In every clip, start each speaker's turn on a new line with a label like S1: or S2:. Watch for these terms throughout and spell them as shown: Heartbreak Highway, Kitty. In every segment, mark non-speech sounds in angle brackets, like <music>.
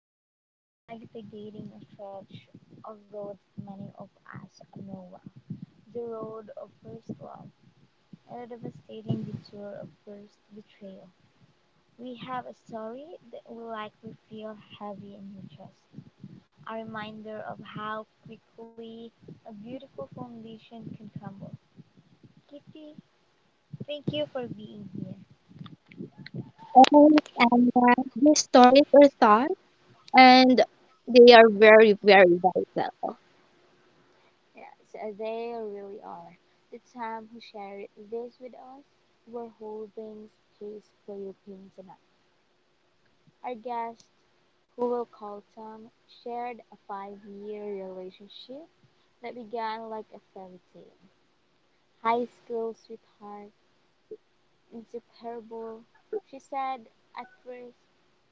S1: Tonight, we're navigating a stretch of roads many of us know well. The road of first love and the devastating detour of first betrayal. We have a story that will likely feel heavy in your chest, a reminder of how quickly a beautiful foundation can crumble. Kitty, thank you for being here.
S2: Oh, and these stories are thought, and they are very, very vital.
S1: Yes, they really are. The time who shared this with us, were holding space for your pain tonight. Our guest, who will call Tom, shared a five-year relationship that began like a fairy tale. High school sweetheart, inseparable. She said at first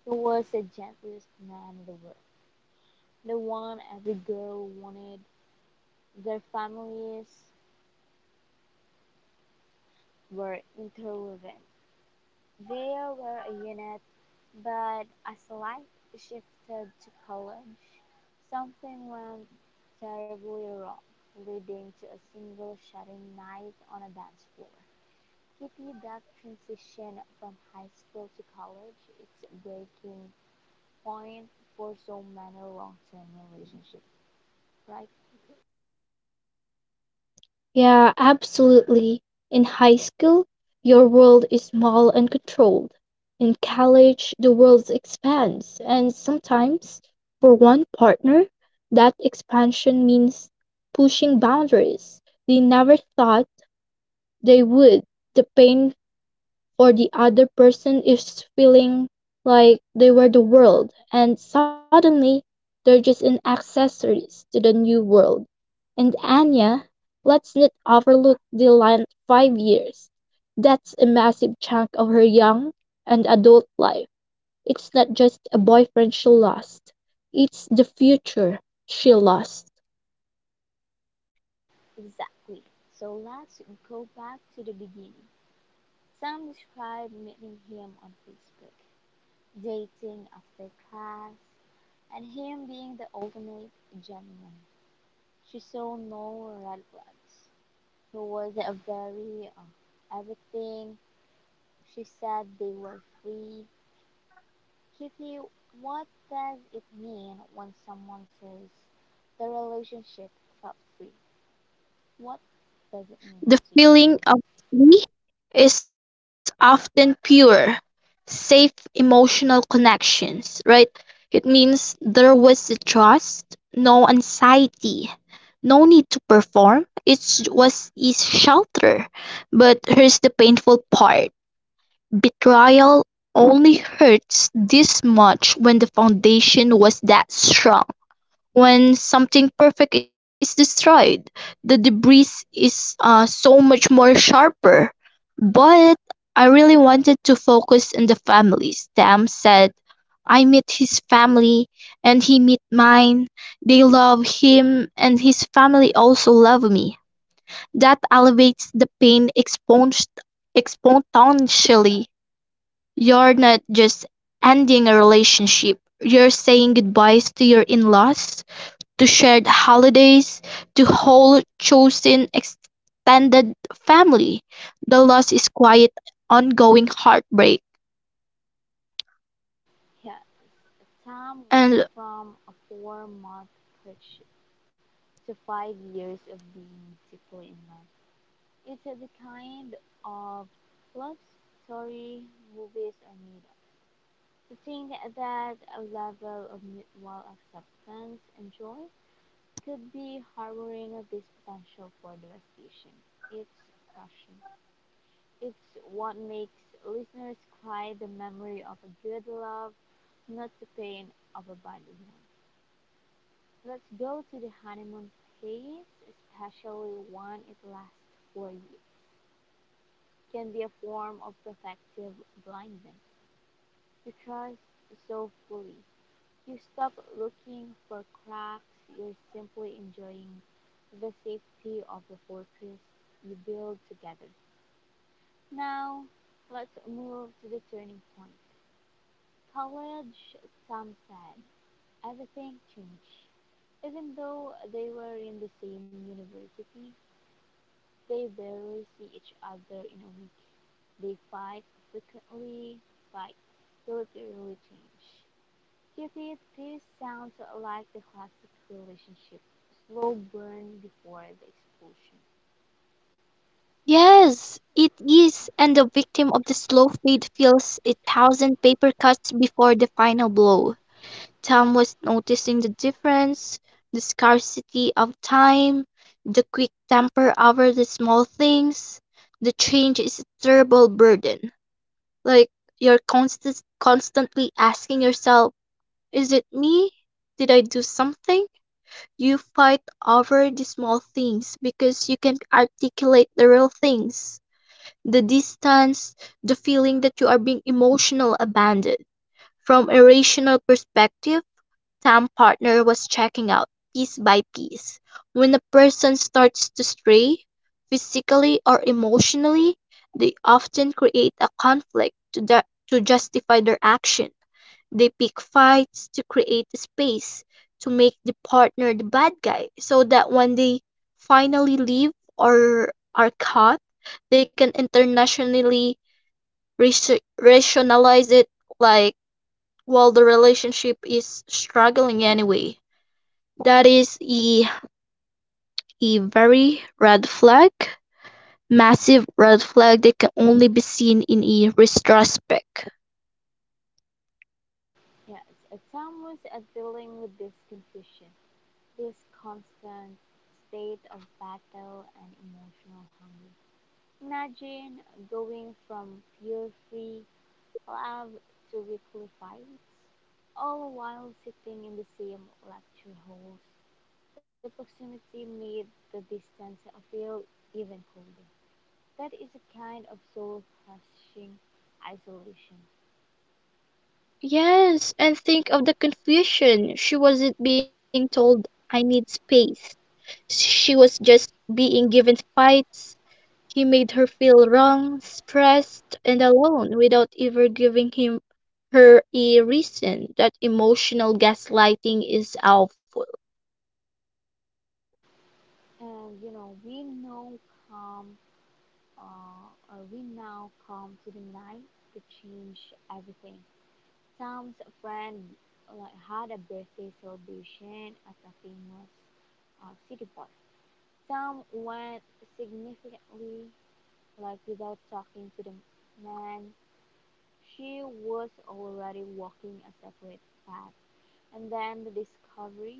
S1: he was the gentlest man in the world, the one every girl wanted. Their families were interwoven. There were a unit, but as life shifted to college, something went terribly wrong, leading to a single shattering night on a dance floor. Kitty, that transition from high school to college, it's a breaking point for so many long-term relationships, right?
S2: Yeah, absolutely. In high school, your world is small and controlled. In college, the world expands, and sometimes, for one partner, that expansion means pushing boundaries they never thought they would. The pain for the other person is feeling like they were the world and suddenly they're just an accessories to the new world. And Anya, let's not overlook the line 5 years. That's a massive chunk of her young and adult life. It's not just a boyfriend she lost, it's the future she lost.
S1: Exactly. So let's go back to the beginning. Sam described meeting him on Facebook, dating after class, and him being the ultimate gentleman. She saw no red flags. He was a very everything. She said they were free. Kitty, what does it mean when someone says the relationship felt free? What does it mean to you?
S2: The feeling of "we" is often pure, safe emotional connections, right? It means there was a trust, no anxiety, no need to perform. It was is shelter. But here's the painful part. Betrayal only hurts this much when the foundation was that strong when something perfect is destroyed, the debris is so much more sharper. But I really wanted to focus on the families. Tam said, I met his family and he met mine. They love him and his family also love me. That elevates the pain exponentially. You're not just ending a relationship, you're saying goodbyes to your in laws to shared holidays, to whole chosen extended family. The loss is quiet, ongoing heartbreak.
S1: Yes, a time went
S2: And
S1: from a 4 month courtship to 5 years of being deeply in love. It's a the kind of love story movies are made of. To think that a level of mutual acceptance and joy could be harboring this potential for devastation. It's crushing. It's what makes listeners cry the memory of a good love, not the pain of a bad one. Let's go to the honeymoon phase, especially when it lasts for years. Can be a form of protective blindness. You trust so fully. You stop looking for cracks. You're simply enjoying the safety of the fortress you build together. Now, let's move to the turning point. College, Tom said. Everything changed. Even though they were in the same university, they barely see each other in a week. They fight frequently, fight till they really change. To me, this sounds like the classic relationship slow burn before the explosion.
S2: yes, it is. And the victim of the slow fade feels a thousand paper cuts before the final blow. Tom was noticing the difference, the scarcity of time, the quick temper over the small things. The change is a terrible burden. Like you're constantly asking yourself, is it me? Did I do something? You fight over the small things because you can articulate the real things. The distance, the feeling that you are being emotional abandoned. From a rational perspective, Sam partner was checking out piece by piece. When a person starts to stray, physically or emotionally, they often create a conflict to justify their action. They pick fights to create a space to make the partner the bad guy so that when they finally leave or are caught, they can internationally rationalize it like, well, the relationship is struggling anyway. That is a very red flag, massive red flag that can only be seen in a retrospect.
S1: Yes, Tom was dealing with this confusion, this constant state of battle and emotional hunger. Imagine going from pure free love to weekly fights, all while sitting in the same lecture halls. The proximity made the distance feel even colder. That is a kind of soul crushing isolation.
S2: Yes, and think of the confusion. She wasn't being told, I need space. She was just being given fights. He made her feel wrong, stressed, and alone without ever giving him her a reason. That emotional gaslighting is awful.
S1: And you know, come, we now come to the night to change everything. Tom's friend like had a birthday celebration at a famous city park. Some went significantly, like without talking to the man. She was already walking a separate path. And then the discovery.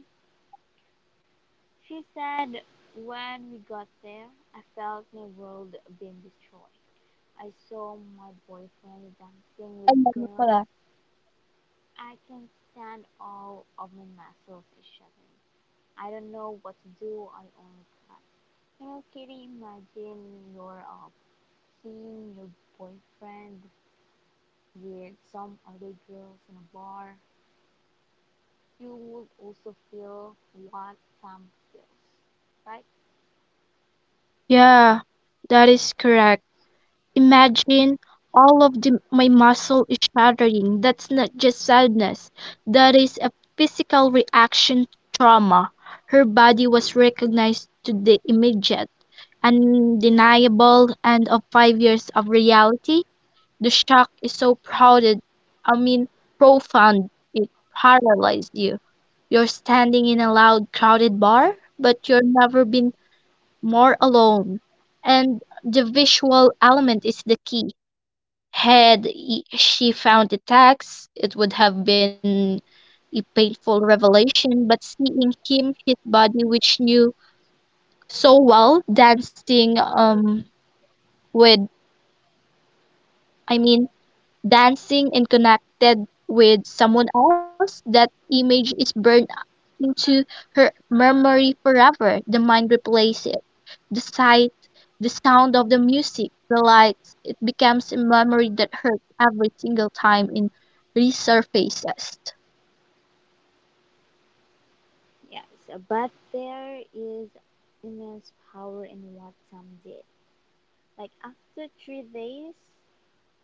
S1: She said, when we got there, I felt my world being destroyed. I saw my boyfriend dancing with
S2: Alam mo
S1: girls.
S2: pala.
S1: I can't stand, all of my muscles is shattering. I don't know what to do. I only cry. You know, Kitty, imagine you're seeing your boyfriend with some other girls in a bar. You would also feel what Sam feels, right?
S2: Yeah, that is correct. Imagine all of the, my muscle is shattering. That's not just sadness, that is a physical reaction to trauma. Her body was recognized to the immediate, undeniable end of 5 years of reality. The shock is so I mean, profound, it paralyzed you. You're standing in a loud, crowded bar, but you've never been more alone. And the visual element is the key. She found the text, it would have been a painful revelation, but seeing him, his body, which knew so well, with, I mean, dancing and connected with someone else, that image is burned into her memory forever. The mind replaces it. The sight, the sound of the music, the lights, it becomes a memory that hurts every single time it resurfaces.
S1: Yes, but there is immense power in what Sam did. Like after 3 days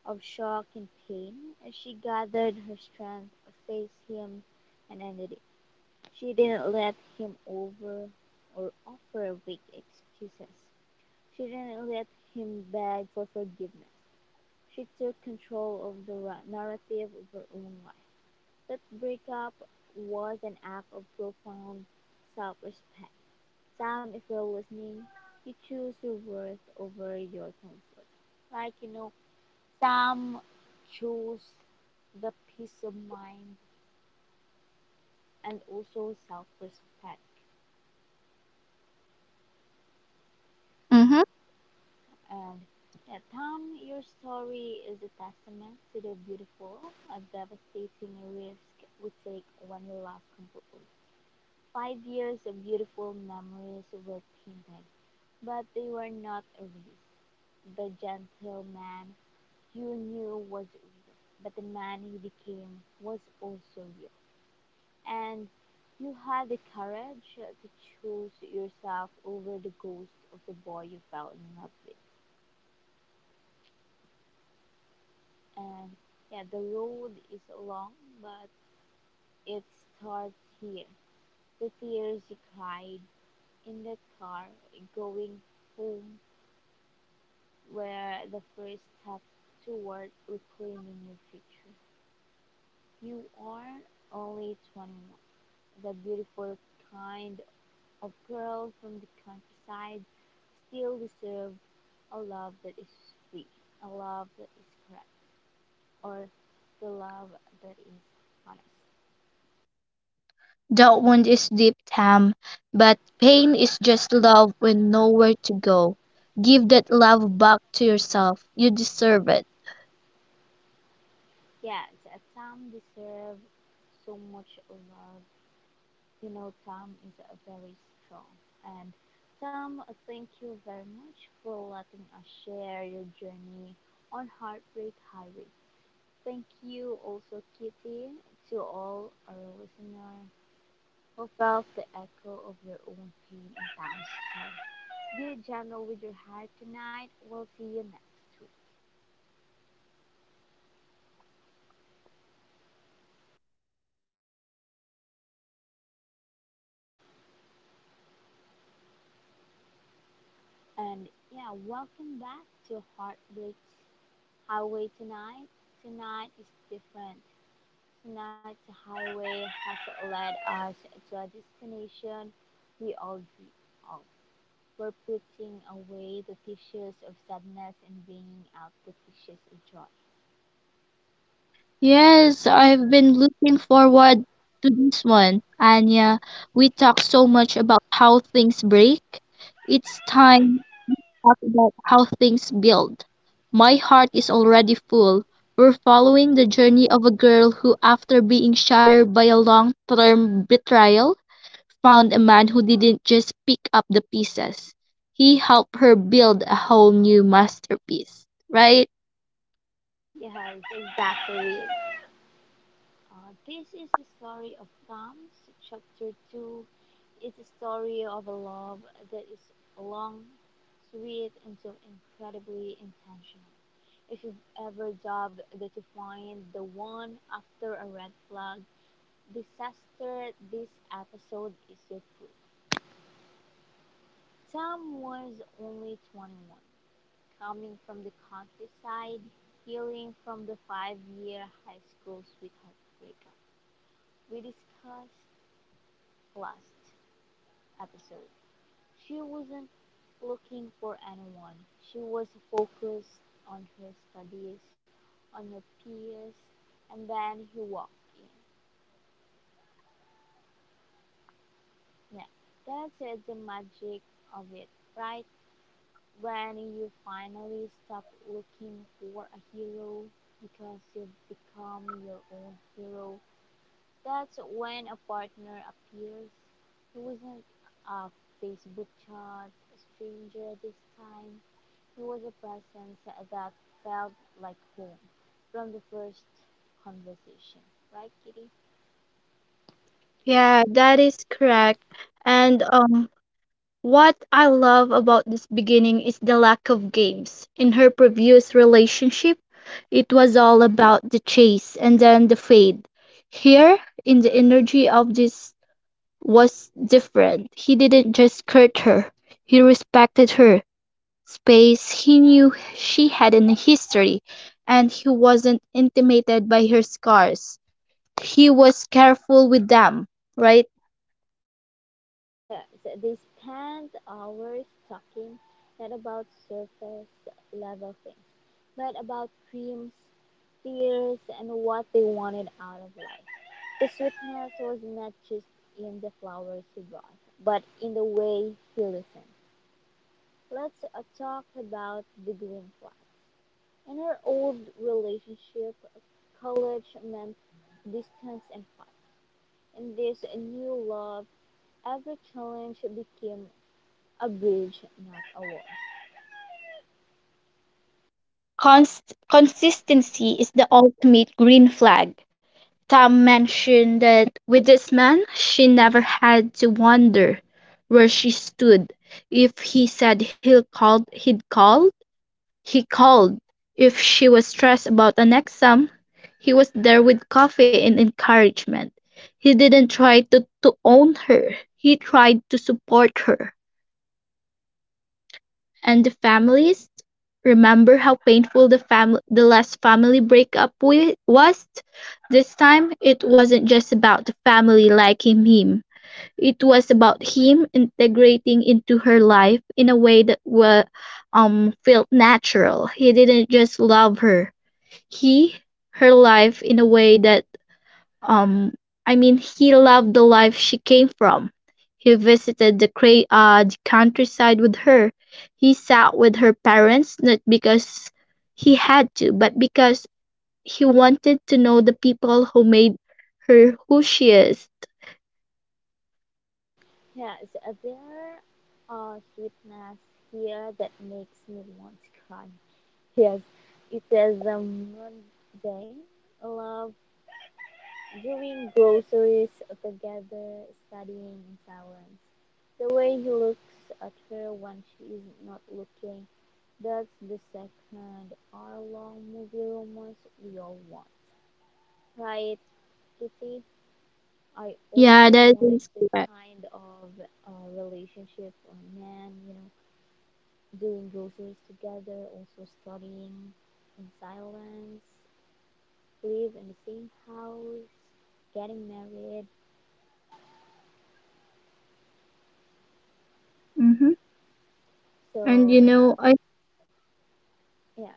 S1: of shock and pain, she gathered her strength, faced him, and ended it. She didn't let him over or offer weak excuses. She didn't let him beg for forgiveness. She took control of the narrative of her own life. That breakup was an act of profound self respect. Sam, if you're listening, you choose your worth over your comfort. Like, you know, Sam chose the peace of mind and also self respect.
S2: Mm-hmm.
S1: And yeah, Tom, your story is a testament to the beautiful and devastating risk we take when we love completely. 5 years of beautiful memories were tainted, but they were not erased. The gentleman you knew was real, but the man he became was also real. And you had the courage to choose yourself over the ghost of the boy you fell in love with. And yeah, the road is long, but it starts here. The tears you cried in that car going home were the first step toward reclaiming your future. You are only 21. The beautiful kind of girl from the countryside still deserves a love that is free, a love that is correct, or the love that is honest.
S2: That wound is deep, Tam, but pain is just love with nowhere to go. Give that love back to yourself. You deserve it.
S1: Yes, Tom deserves so much love. You know, Tom is very strong. And Tom, thank you very much for letting us share your journey on Heartbreak Highway. Thank you also, Kitty, to all our listeners who felt the echo of their own pain and thanks. Be gentle with your heart tonight. We'll see you next week. And yeah, welcome back to Heartbreaks Highway tonight. Tonight is different. Tonight's highway has led us to a destination we all dream of. We're putting away the tissues of sadness and bringing out the tissues of joy.
S2: Yes, I've been looking forward to this one. Anya, we talk so much about how things break. It's time to talk about how things build. My heart is already full. We're following the journey of a girl who, after being shattered by a long term betrayal, found a man who didn't just pick up the pieces. He helped her build a whole new masterpiece, right?
S1: Yes, exactly. This is the story of Thumbs, chapter 2. It's a story of a love that is long, sweet, and so incredibly intentional. If you've ever doubted that you find the one after a red flag disaster, this episode is your proof. Tom was only 21, coming from the countryside, healing from the 5 year high school sweetheart breakup we discussed last episode. She wasn't looking for anyone, she was focused on her studies, on her peers, and then he walked in. Now, that's it, the magic of it, right? When you finally stop looking for a hero because you've become your own hero, that's when a partner appears. He wasn't a Facebook chat, a stranger this time. He was a presence that felt like home from the first conversation. Right, Kitty?
S2: Yeah, that is correct. And What I love about this beginning is the lack of games. In her previous relationship, it was all about the chase and then the fade. Here, in the energy of this was different. He didn't just court her. He respected her space. He knew she had a history and he wasn't intimidated by her scars. He was careful with them, right?
S1: Yes, they spent hours talking, not about surface level things, but about dreams, fears, and what they wanted out of life. The sweetness was not just in the flowers he brought, but in the way he listened. Let's talk about the green flag. In her old relationship, college meant distance and fun. In this new love, every challenge became a bridge, not a wall.
S2: Consistency is the ultimate green flag. Tom mentioned that with this man she never had to wonder where she stood. If he said he called, he called. If she was stressed about an exam, he was there with coffee and encouragement. He didn't try to own her, he tried to support her. And the families? Remember how painful the last family was? This time, it wasn't just about the family liking him. It was about him integrating into her life in a way that felt natural. He didn't just love her. He her life in a way that um, he loved the life she came from. He visited the countryside with her. He sat with her parents, not because he had to, but because he wanted to know the people who made her who she is.
S1: Yes, there are sweetness here that makes me want to cry. Yes, it is a Monday love, doing groceries together, studying in silence. The way he looks at her when she is not looking, that's the second hour long movie romance we all want. Right, Kitty? I
S2: Yeah,
S1: also
S2: that
S1: wanted
S2: is
S1: that
S2: correct.
S1: kind of relationship or man, you know, doing groceries together, also studying in silence, live in the same house, getting married.
S2: Mm-hmm. And you
S1: So
S2: know, I
S1: yes,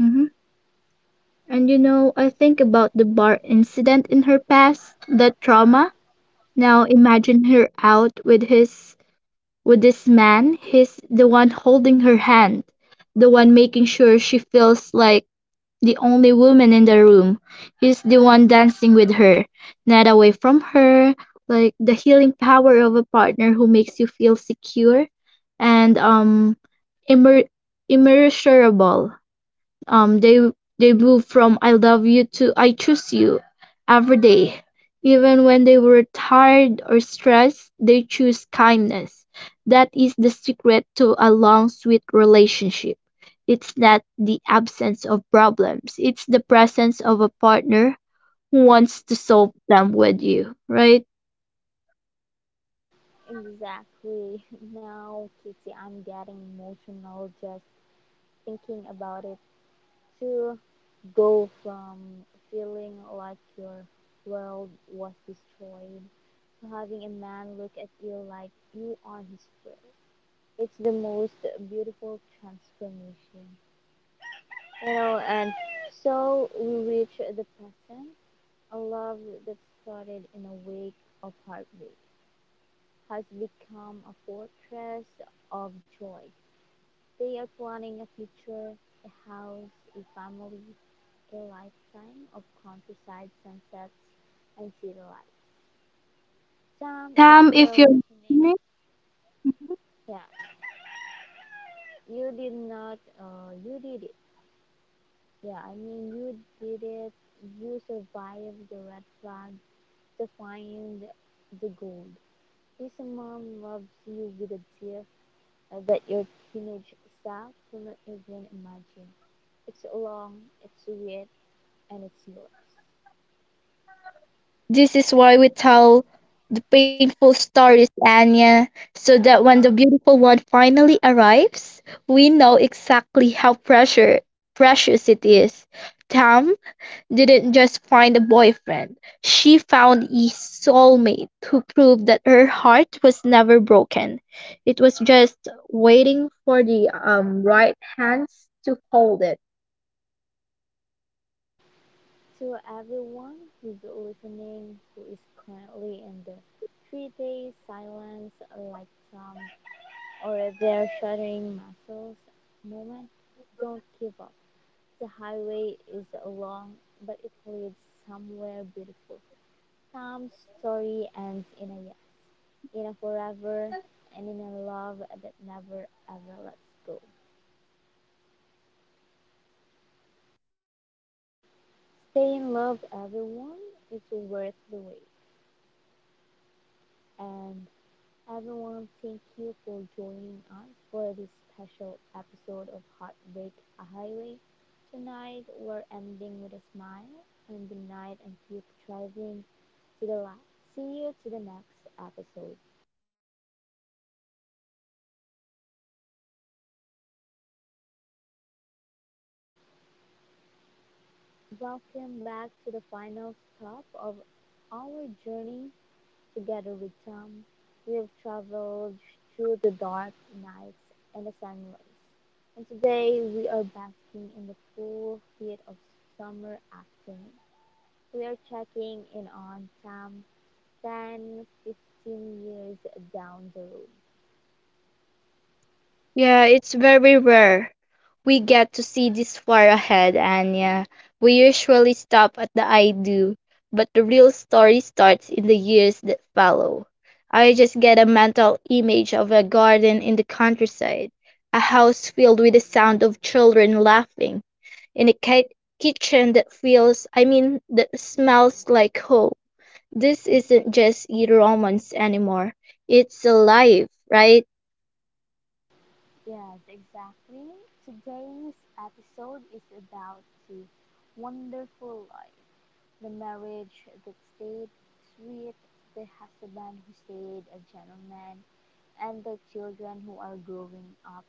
S2: mm-hmm. and you know, I think about the bar incident in her past, that trauma. Now imagine her out with this man, he's the one holding her hand, the one making sure she feels like the only woman in the room. He's the one dancing with her, not away from her, like the healing power of a partner who makes you feel secure and immer- immeasurable. Um, they they moved from "I love you" to "I choose you" every day. Even when they were tired or stressed, they choose kindness. That is the secret to a long, sweet relationship. It's not the absence of problems, it's the presence of a partner who wants to solve them with you, right?
S1: exactly. <laughs> Now, Kitty, I'm getting emotional just thinking about it. To go from feeling like your world was destroyed to having a man look at you like you are his friend. It's the most beautiful transformation. You know, and so we reach the present, a love that started in a wake of heartbreak has become a fortress of joy. They are planning a future, a house, a family, a lifetime of countryside sunsets and city life. Sam, if
S2: Tam,
S1: you're
S2: if you're
S1: listening,
S2: listening, mm-hmm.
S1: yeah, you did not, you did it. Yeah, I mean, you did it. You survived the red flag to find the gold. This mom loves you with a deep that your teenage self will not even imagine. It's long, it's weird, and it's yours.
S2: This is why we tell the painful stories, Anya, so that when the beautiful one finally arrives, we know exactly how precious it is. Tam didn't just find a boyfriend, she found a soulmate who proved that her heart was never broken. It was just waiting for the right hands to hold it.
S1: To everyone who's listening who is currently in the 3 day silence like Tom or their shuddering muscles moment, don't give up. The highway is long, but it leads somewhere beautiful. Sam's story ends in a yes, in a forever, and in a love that never ever lets go. Stay in love, everyone. It's worth the wait. And everyone, thank you for joining us for this special episode of Heartbreak Highway. Tonight, we're ending with a smile and good night and keep driving to the light. See you to the next episode. Welcome back to the final stop of our journey together with Tom. We have traveled through the dark nights and the sunrise, and today we are basking in the full heat of summer afternoon. We are checking in on Tom 10 15 years down the road.
S2: Yeah, it's very rare. We get to see this far ahead, Anya. We usually stop at the I do, but the real story starts in the years that follow. I just get a mental image of a garden in the countryside, a house filled with the sound of children laughing, and a kitchen that feels, I mean, that smells like home. This isn't just a romance anymore. It's alive, right?
S1: Yes, exactly. Today's episode is about the wonderful life. The marriage that stayed sweet, the husband who stayed a gentleman, and the children who are growing up,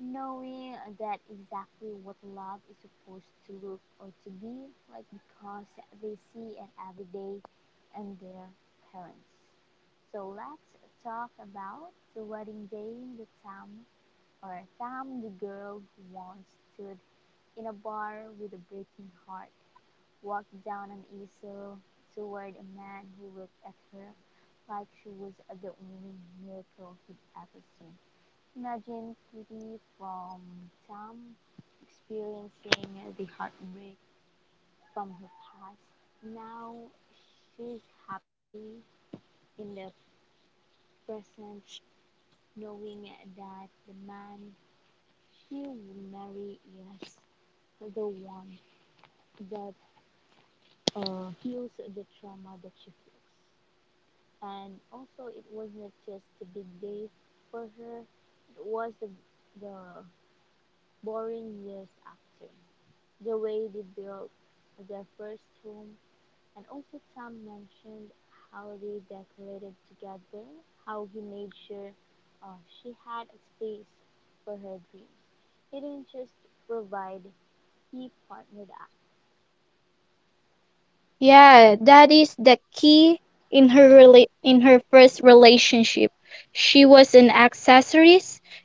S1: knowing that exactly what love is supposed to look or to be like because they see it every day and their parents. So let's talk about the wedding day, the Tam, or Tam, the girl who once stood in a bar with a breaking heart walked down an easel toward a man who looked at her like she was the only miracle he'd ever seen. Imagine Kitty from Tom experiencing the heartbreak from her past. Now she's happy in the present, knowing that the man she will marry is the one that heals the trauma that she feels. And also it was not just the big day for her, it was the boring years after, the way they built their first home. And also Tom mentioned how they decorated together, how he made sure she had a space for her dreams. He didn't just provide, he partnered.
S2: Yeah, that is the key in in her first relationship. She was an accessory.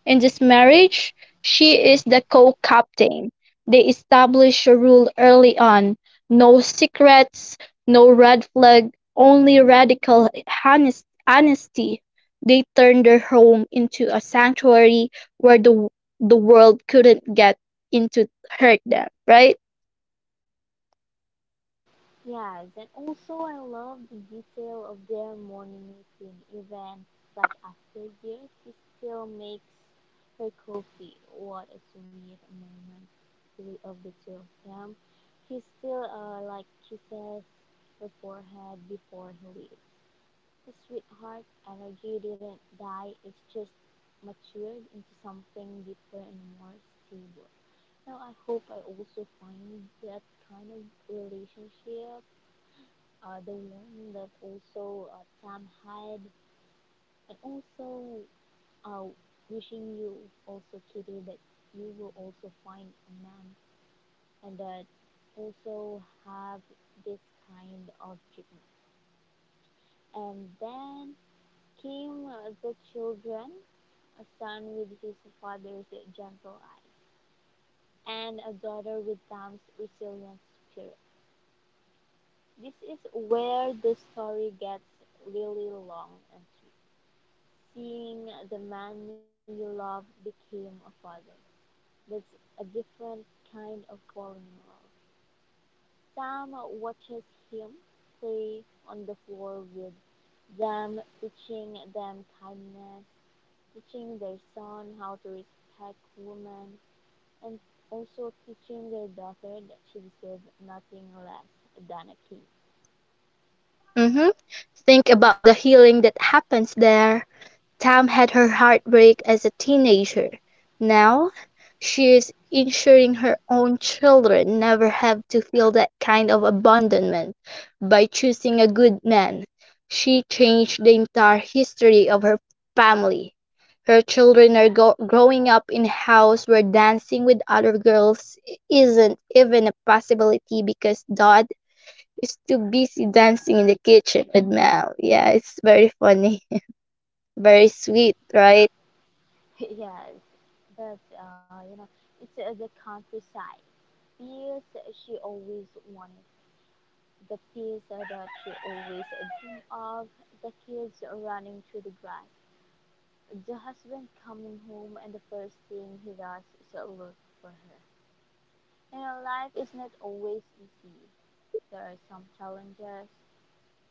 S2: In this marriage, she is the co-captain. They established a rule early on. No secrets, no red flag, only radical honesty. They turned their home into a sanctuary where the world couldn't get into hurt them, right?
S1: Yes, and also I love the detail of their morning routine. Even like after years, she still makes her coffee. What a sweet moment of the two of them. He still like kisses her forehead before he leaves. The sweetheart energy didn't die. It's just matured into something deeper and more stable. Now I hope I also find that kind of relationship, the one that also Sam had, and also uh, wishing you also, Kitty, that you will also find a man and that also have this kind of dream. And then came the children, a son with his father's gentle eyes, and a daughter with Sam's resilient spirit. This is where the story gets really long and sweet. Seeing the man you love became a father, that's a different kind of falling in love. Sam watches him play on the floor with them, teaching them kindness, teaching their son how to respect women, and also teaching their daughter that she deserves nothing less than a king.
S2: Mm-hmm. Think about the healing that happens there. Tam had her heartbreak as a teenager. Now, she is ensuring her own children never have to feel that kind of abandonment by choosing a good man. She changed the entire history of her family. Her children are growing up in a house where dancing with other girls isn't even a possibility because Dot is too busy dancing in the kitchen with Mel. Yeah, it's very funny, <laughs> very sweet, right?
S1: <laughs> Yes, but you know, it's the countryside. Peace she always wanted, the kids that she always dreamed of, the kids running through the grass, the husband coming home, and the first thing he does is look for her. You know, life is not always easy. There are some challenges.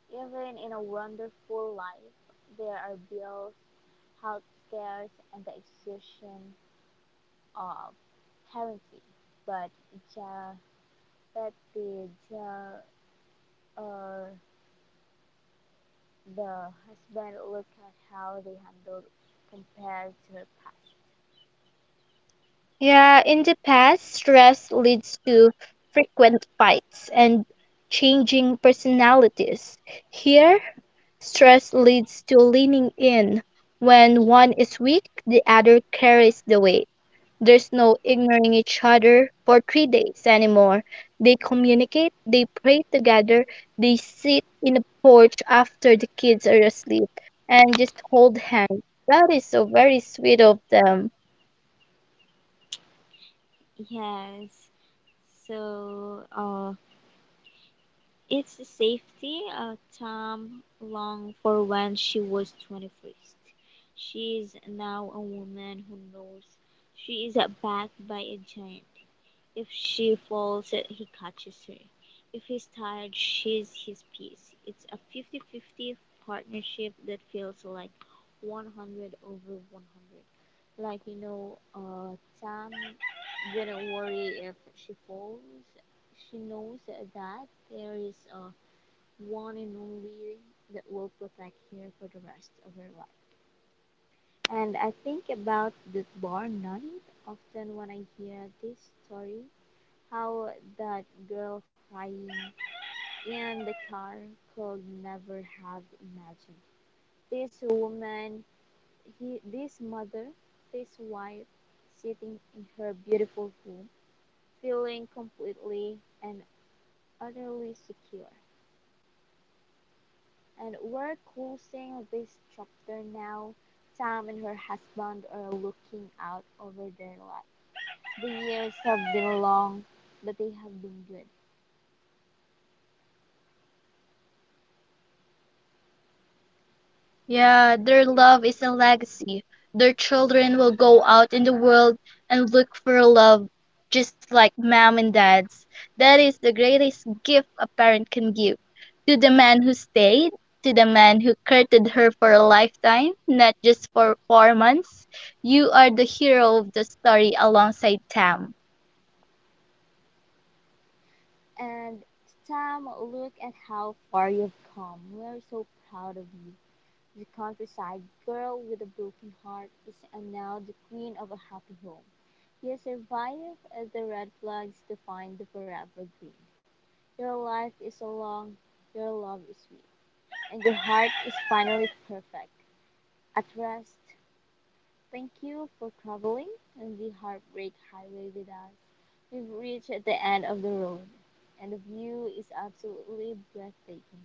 S1: Even in a wonderful life, there are bills, health scares, and the exhaustion of parenting. But Japeti, ja, uh, the husband looked at how they handled compared to her
S2: Yeah, in the past, stress leads to frequent fights and changing personalities. Here, stress leads to leaning in. When one is weak, the other carries the weight. There's no ignoring each other for 3 days anymore. They communicate, they pray together, they sit in the porch after the kids are asleep and just hold hands. That is so very sweet of them.
S1: past. Yes. So it's a safety, Tom long for when she was 21st. She is now a woman who knows she is backed by a giant. If she falls, he catches her. If he's tired, she's his piece. It's a 50-50 partnership that feels like 100 over 100. Like, you know, Tam didn't worry if she falls. She knows that there is a one and only that will protect her for the rest of her life. And I think about the bar night often when I hear this story, how that girl crying in the car could never have imagined this woman, he, this mother, this wife, sitting in her beautiful home, feeling completely and utterly secure. And we're closing this chapter now. Sam and her husband are looking out over their life. The years have been long, but they have been good.
S2: Yeah, their love is a legacy. Their children will go out in the world and look for love just like mom and dad's. That is the greatest gift a parent can give to the man who stayed, to the man who courted her for a lifetime, not just for 4 months. You are the hero of the story alongside Tam.
S1: And Sam, look at how far you've come. We're so proud of you. The countryside girl with a broken heart is now the queen of a happy home. You survive as the red flags define the forever green. Your life is so long, your love is sweet, and your heart is finally perfect. At rest, thank you for traveling on the Heartbreak Highway with us. We've reached the end of the road, and the view is absolutely breathtaking.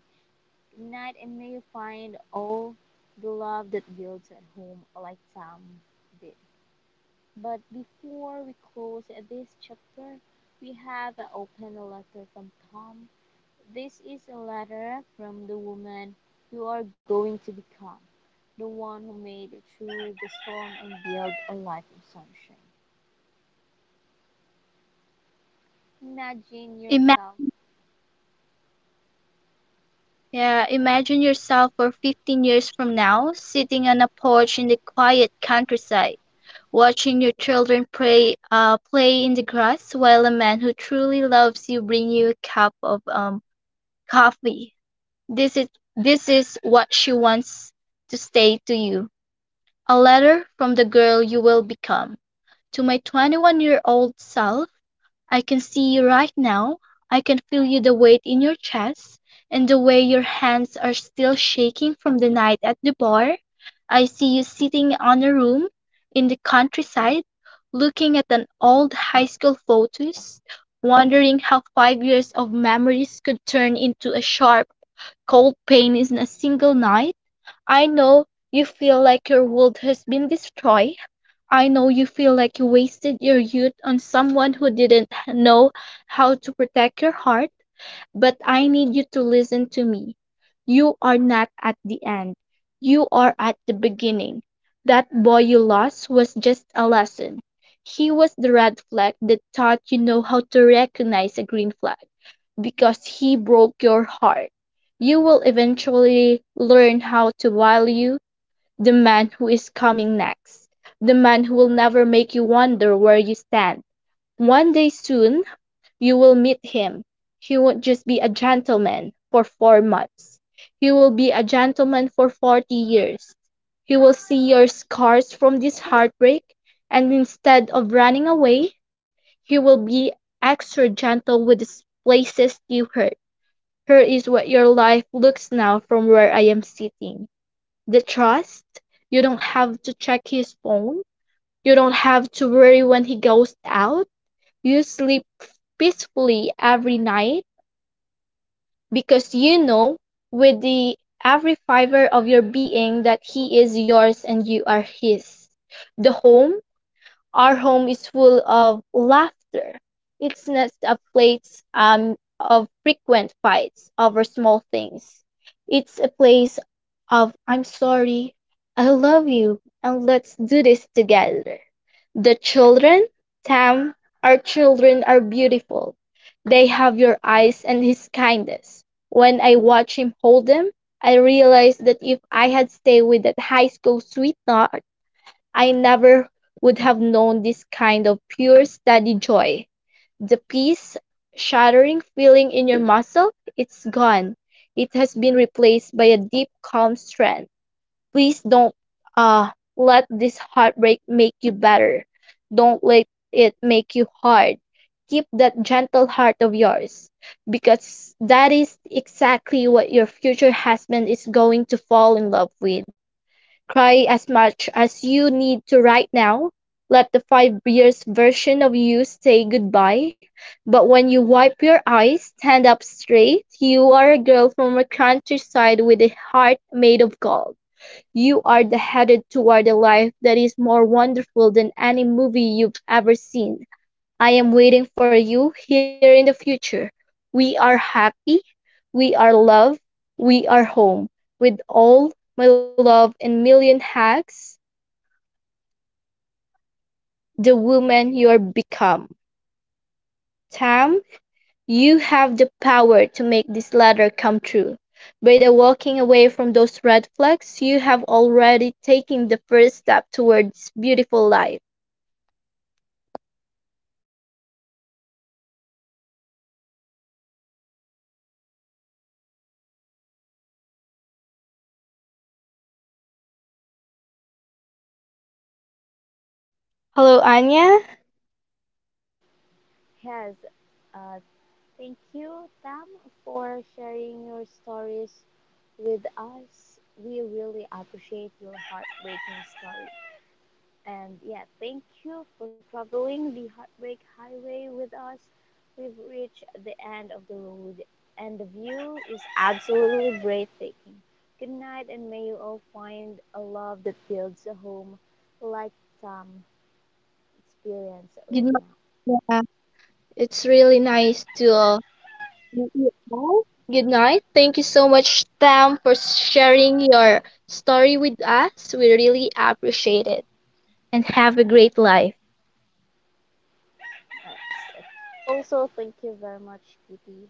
S1: Good night, and may you find all the love that builds at home like Sam did. But before we close this chapter, we have an open letter from Tom. This is a letter from the woman you are going to become, the one who made it through the storm and built a life of sunshine. Imagine
S2: Imagine
S1: yourself.
S2: Yeah, imagine yourself for 15 years from now, sitting on a porch in the quiet countryside, watching your children play in the grass while a man who truly loves you bring you a cup of coffee. This is this is what she wants to say to you. A letter from the girl you will become. To my 21-year-old self, I can see you right now. I can feel you the weight in your chest and the way your hands are still shaking from the night at the bar. I see you sitting on a room in the countryside, looking at an old high school photos, wondering how 5 years of memories could turn into a sharp, cold pain in a single night. I know you feel like your world has been destroyed I know you feel like you wasted your youth on someone who didn't know how to protect your heart, but I need you to listen to me. You are not at the end, you are at the beginning. That boy you lost was just a lesson. He was the red flag that taught you know how to recognize a green flag because he broke your heart. You will eventually learn how to value the man who is coming next, the man who will never make you wonder where you stand. One day soon, you will meet him. He won't just be a gentleman for 4 months, he will be a gentleman for 40 years. He will see your scars from this heartbreak, and instead of running away, he will be extra gentle with the places you hurt. Here is what your life looks now from where I am sitting the trust. You don't have to check his phone. You don't have to worry when he goes out. You sleep peacefully every night because you know with the every fiber of your being that he is yours and you are his. The home our home is full of laughter. It's not a place of frequent fights over small things. It's a place of I'm sorry, I love you, and let's do this together. The children, Tam, our children are beautiful. They have your eyes and his kindness. When I watch him hold them, I realize that if I had stayed with that high school sweetheart, I never would have known this kind of pure, steady joy. The peace, shattering feeling in your muscle, it's gone. It has been replaced by a deep, calm strength. Please don't let this heartbreak make you better. Don't let it make you hard. Keep that gentle heart of yours because that is exactly what your future husband is going to fall in love with. Cry as much as you need to right now. Let the 5 years version of you say goodbye. But when you wipe your eyes, stand up straight. You are a girl from a countryside with a heart made of gold. You are the headed toward a life that is more wonderful than any movie you've ever seen. I am waiting for you here in the future. We are happy. We are love. We are home. With all my love and million hugs. The woman you're become. Tam, you have the power to make this letter come true. By the walking away from those red flags, you have already taken the first step towards beautiful life. Hello, Anya.
S1: Yes, uh, thank you, Tam, for sharing your stories with us. We really appreciate your heartbreaking story. And yeah, thank you for traveling the Heartbreak Highway with us. We've reached the end of the road, and the view is absolutely breathtaking. Good night, and may you all find a love that builds a home like Tom experienced right
S2: Good
S1: now.
S2: night. Yeah, it's really nice to meet you all. Good night. Thank you so much, Tam, for sharing your story with us. We really appreciate it. And have a great life.
S1: Alright, also, thank you very much, Kitty.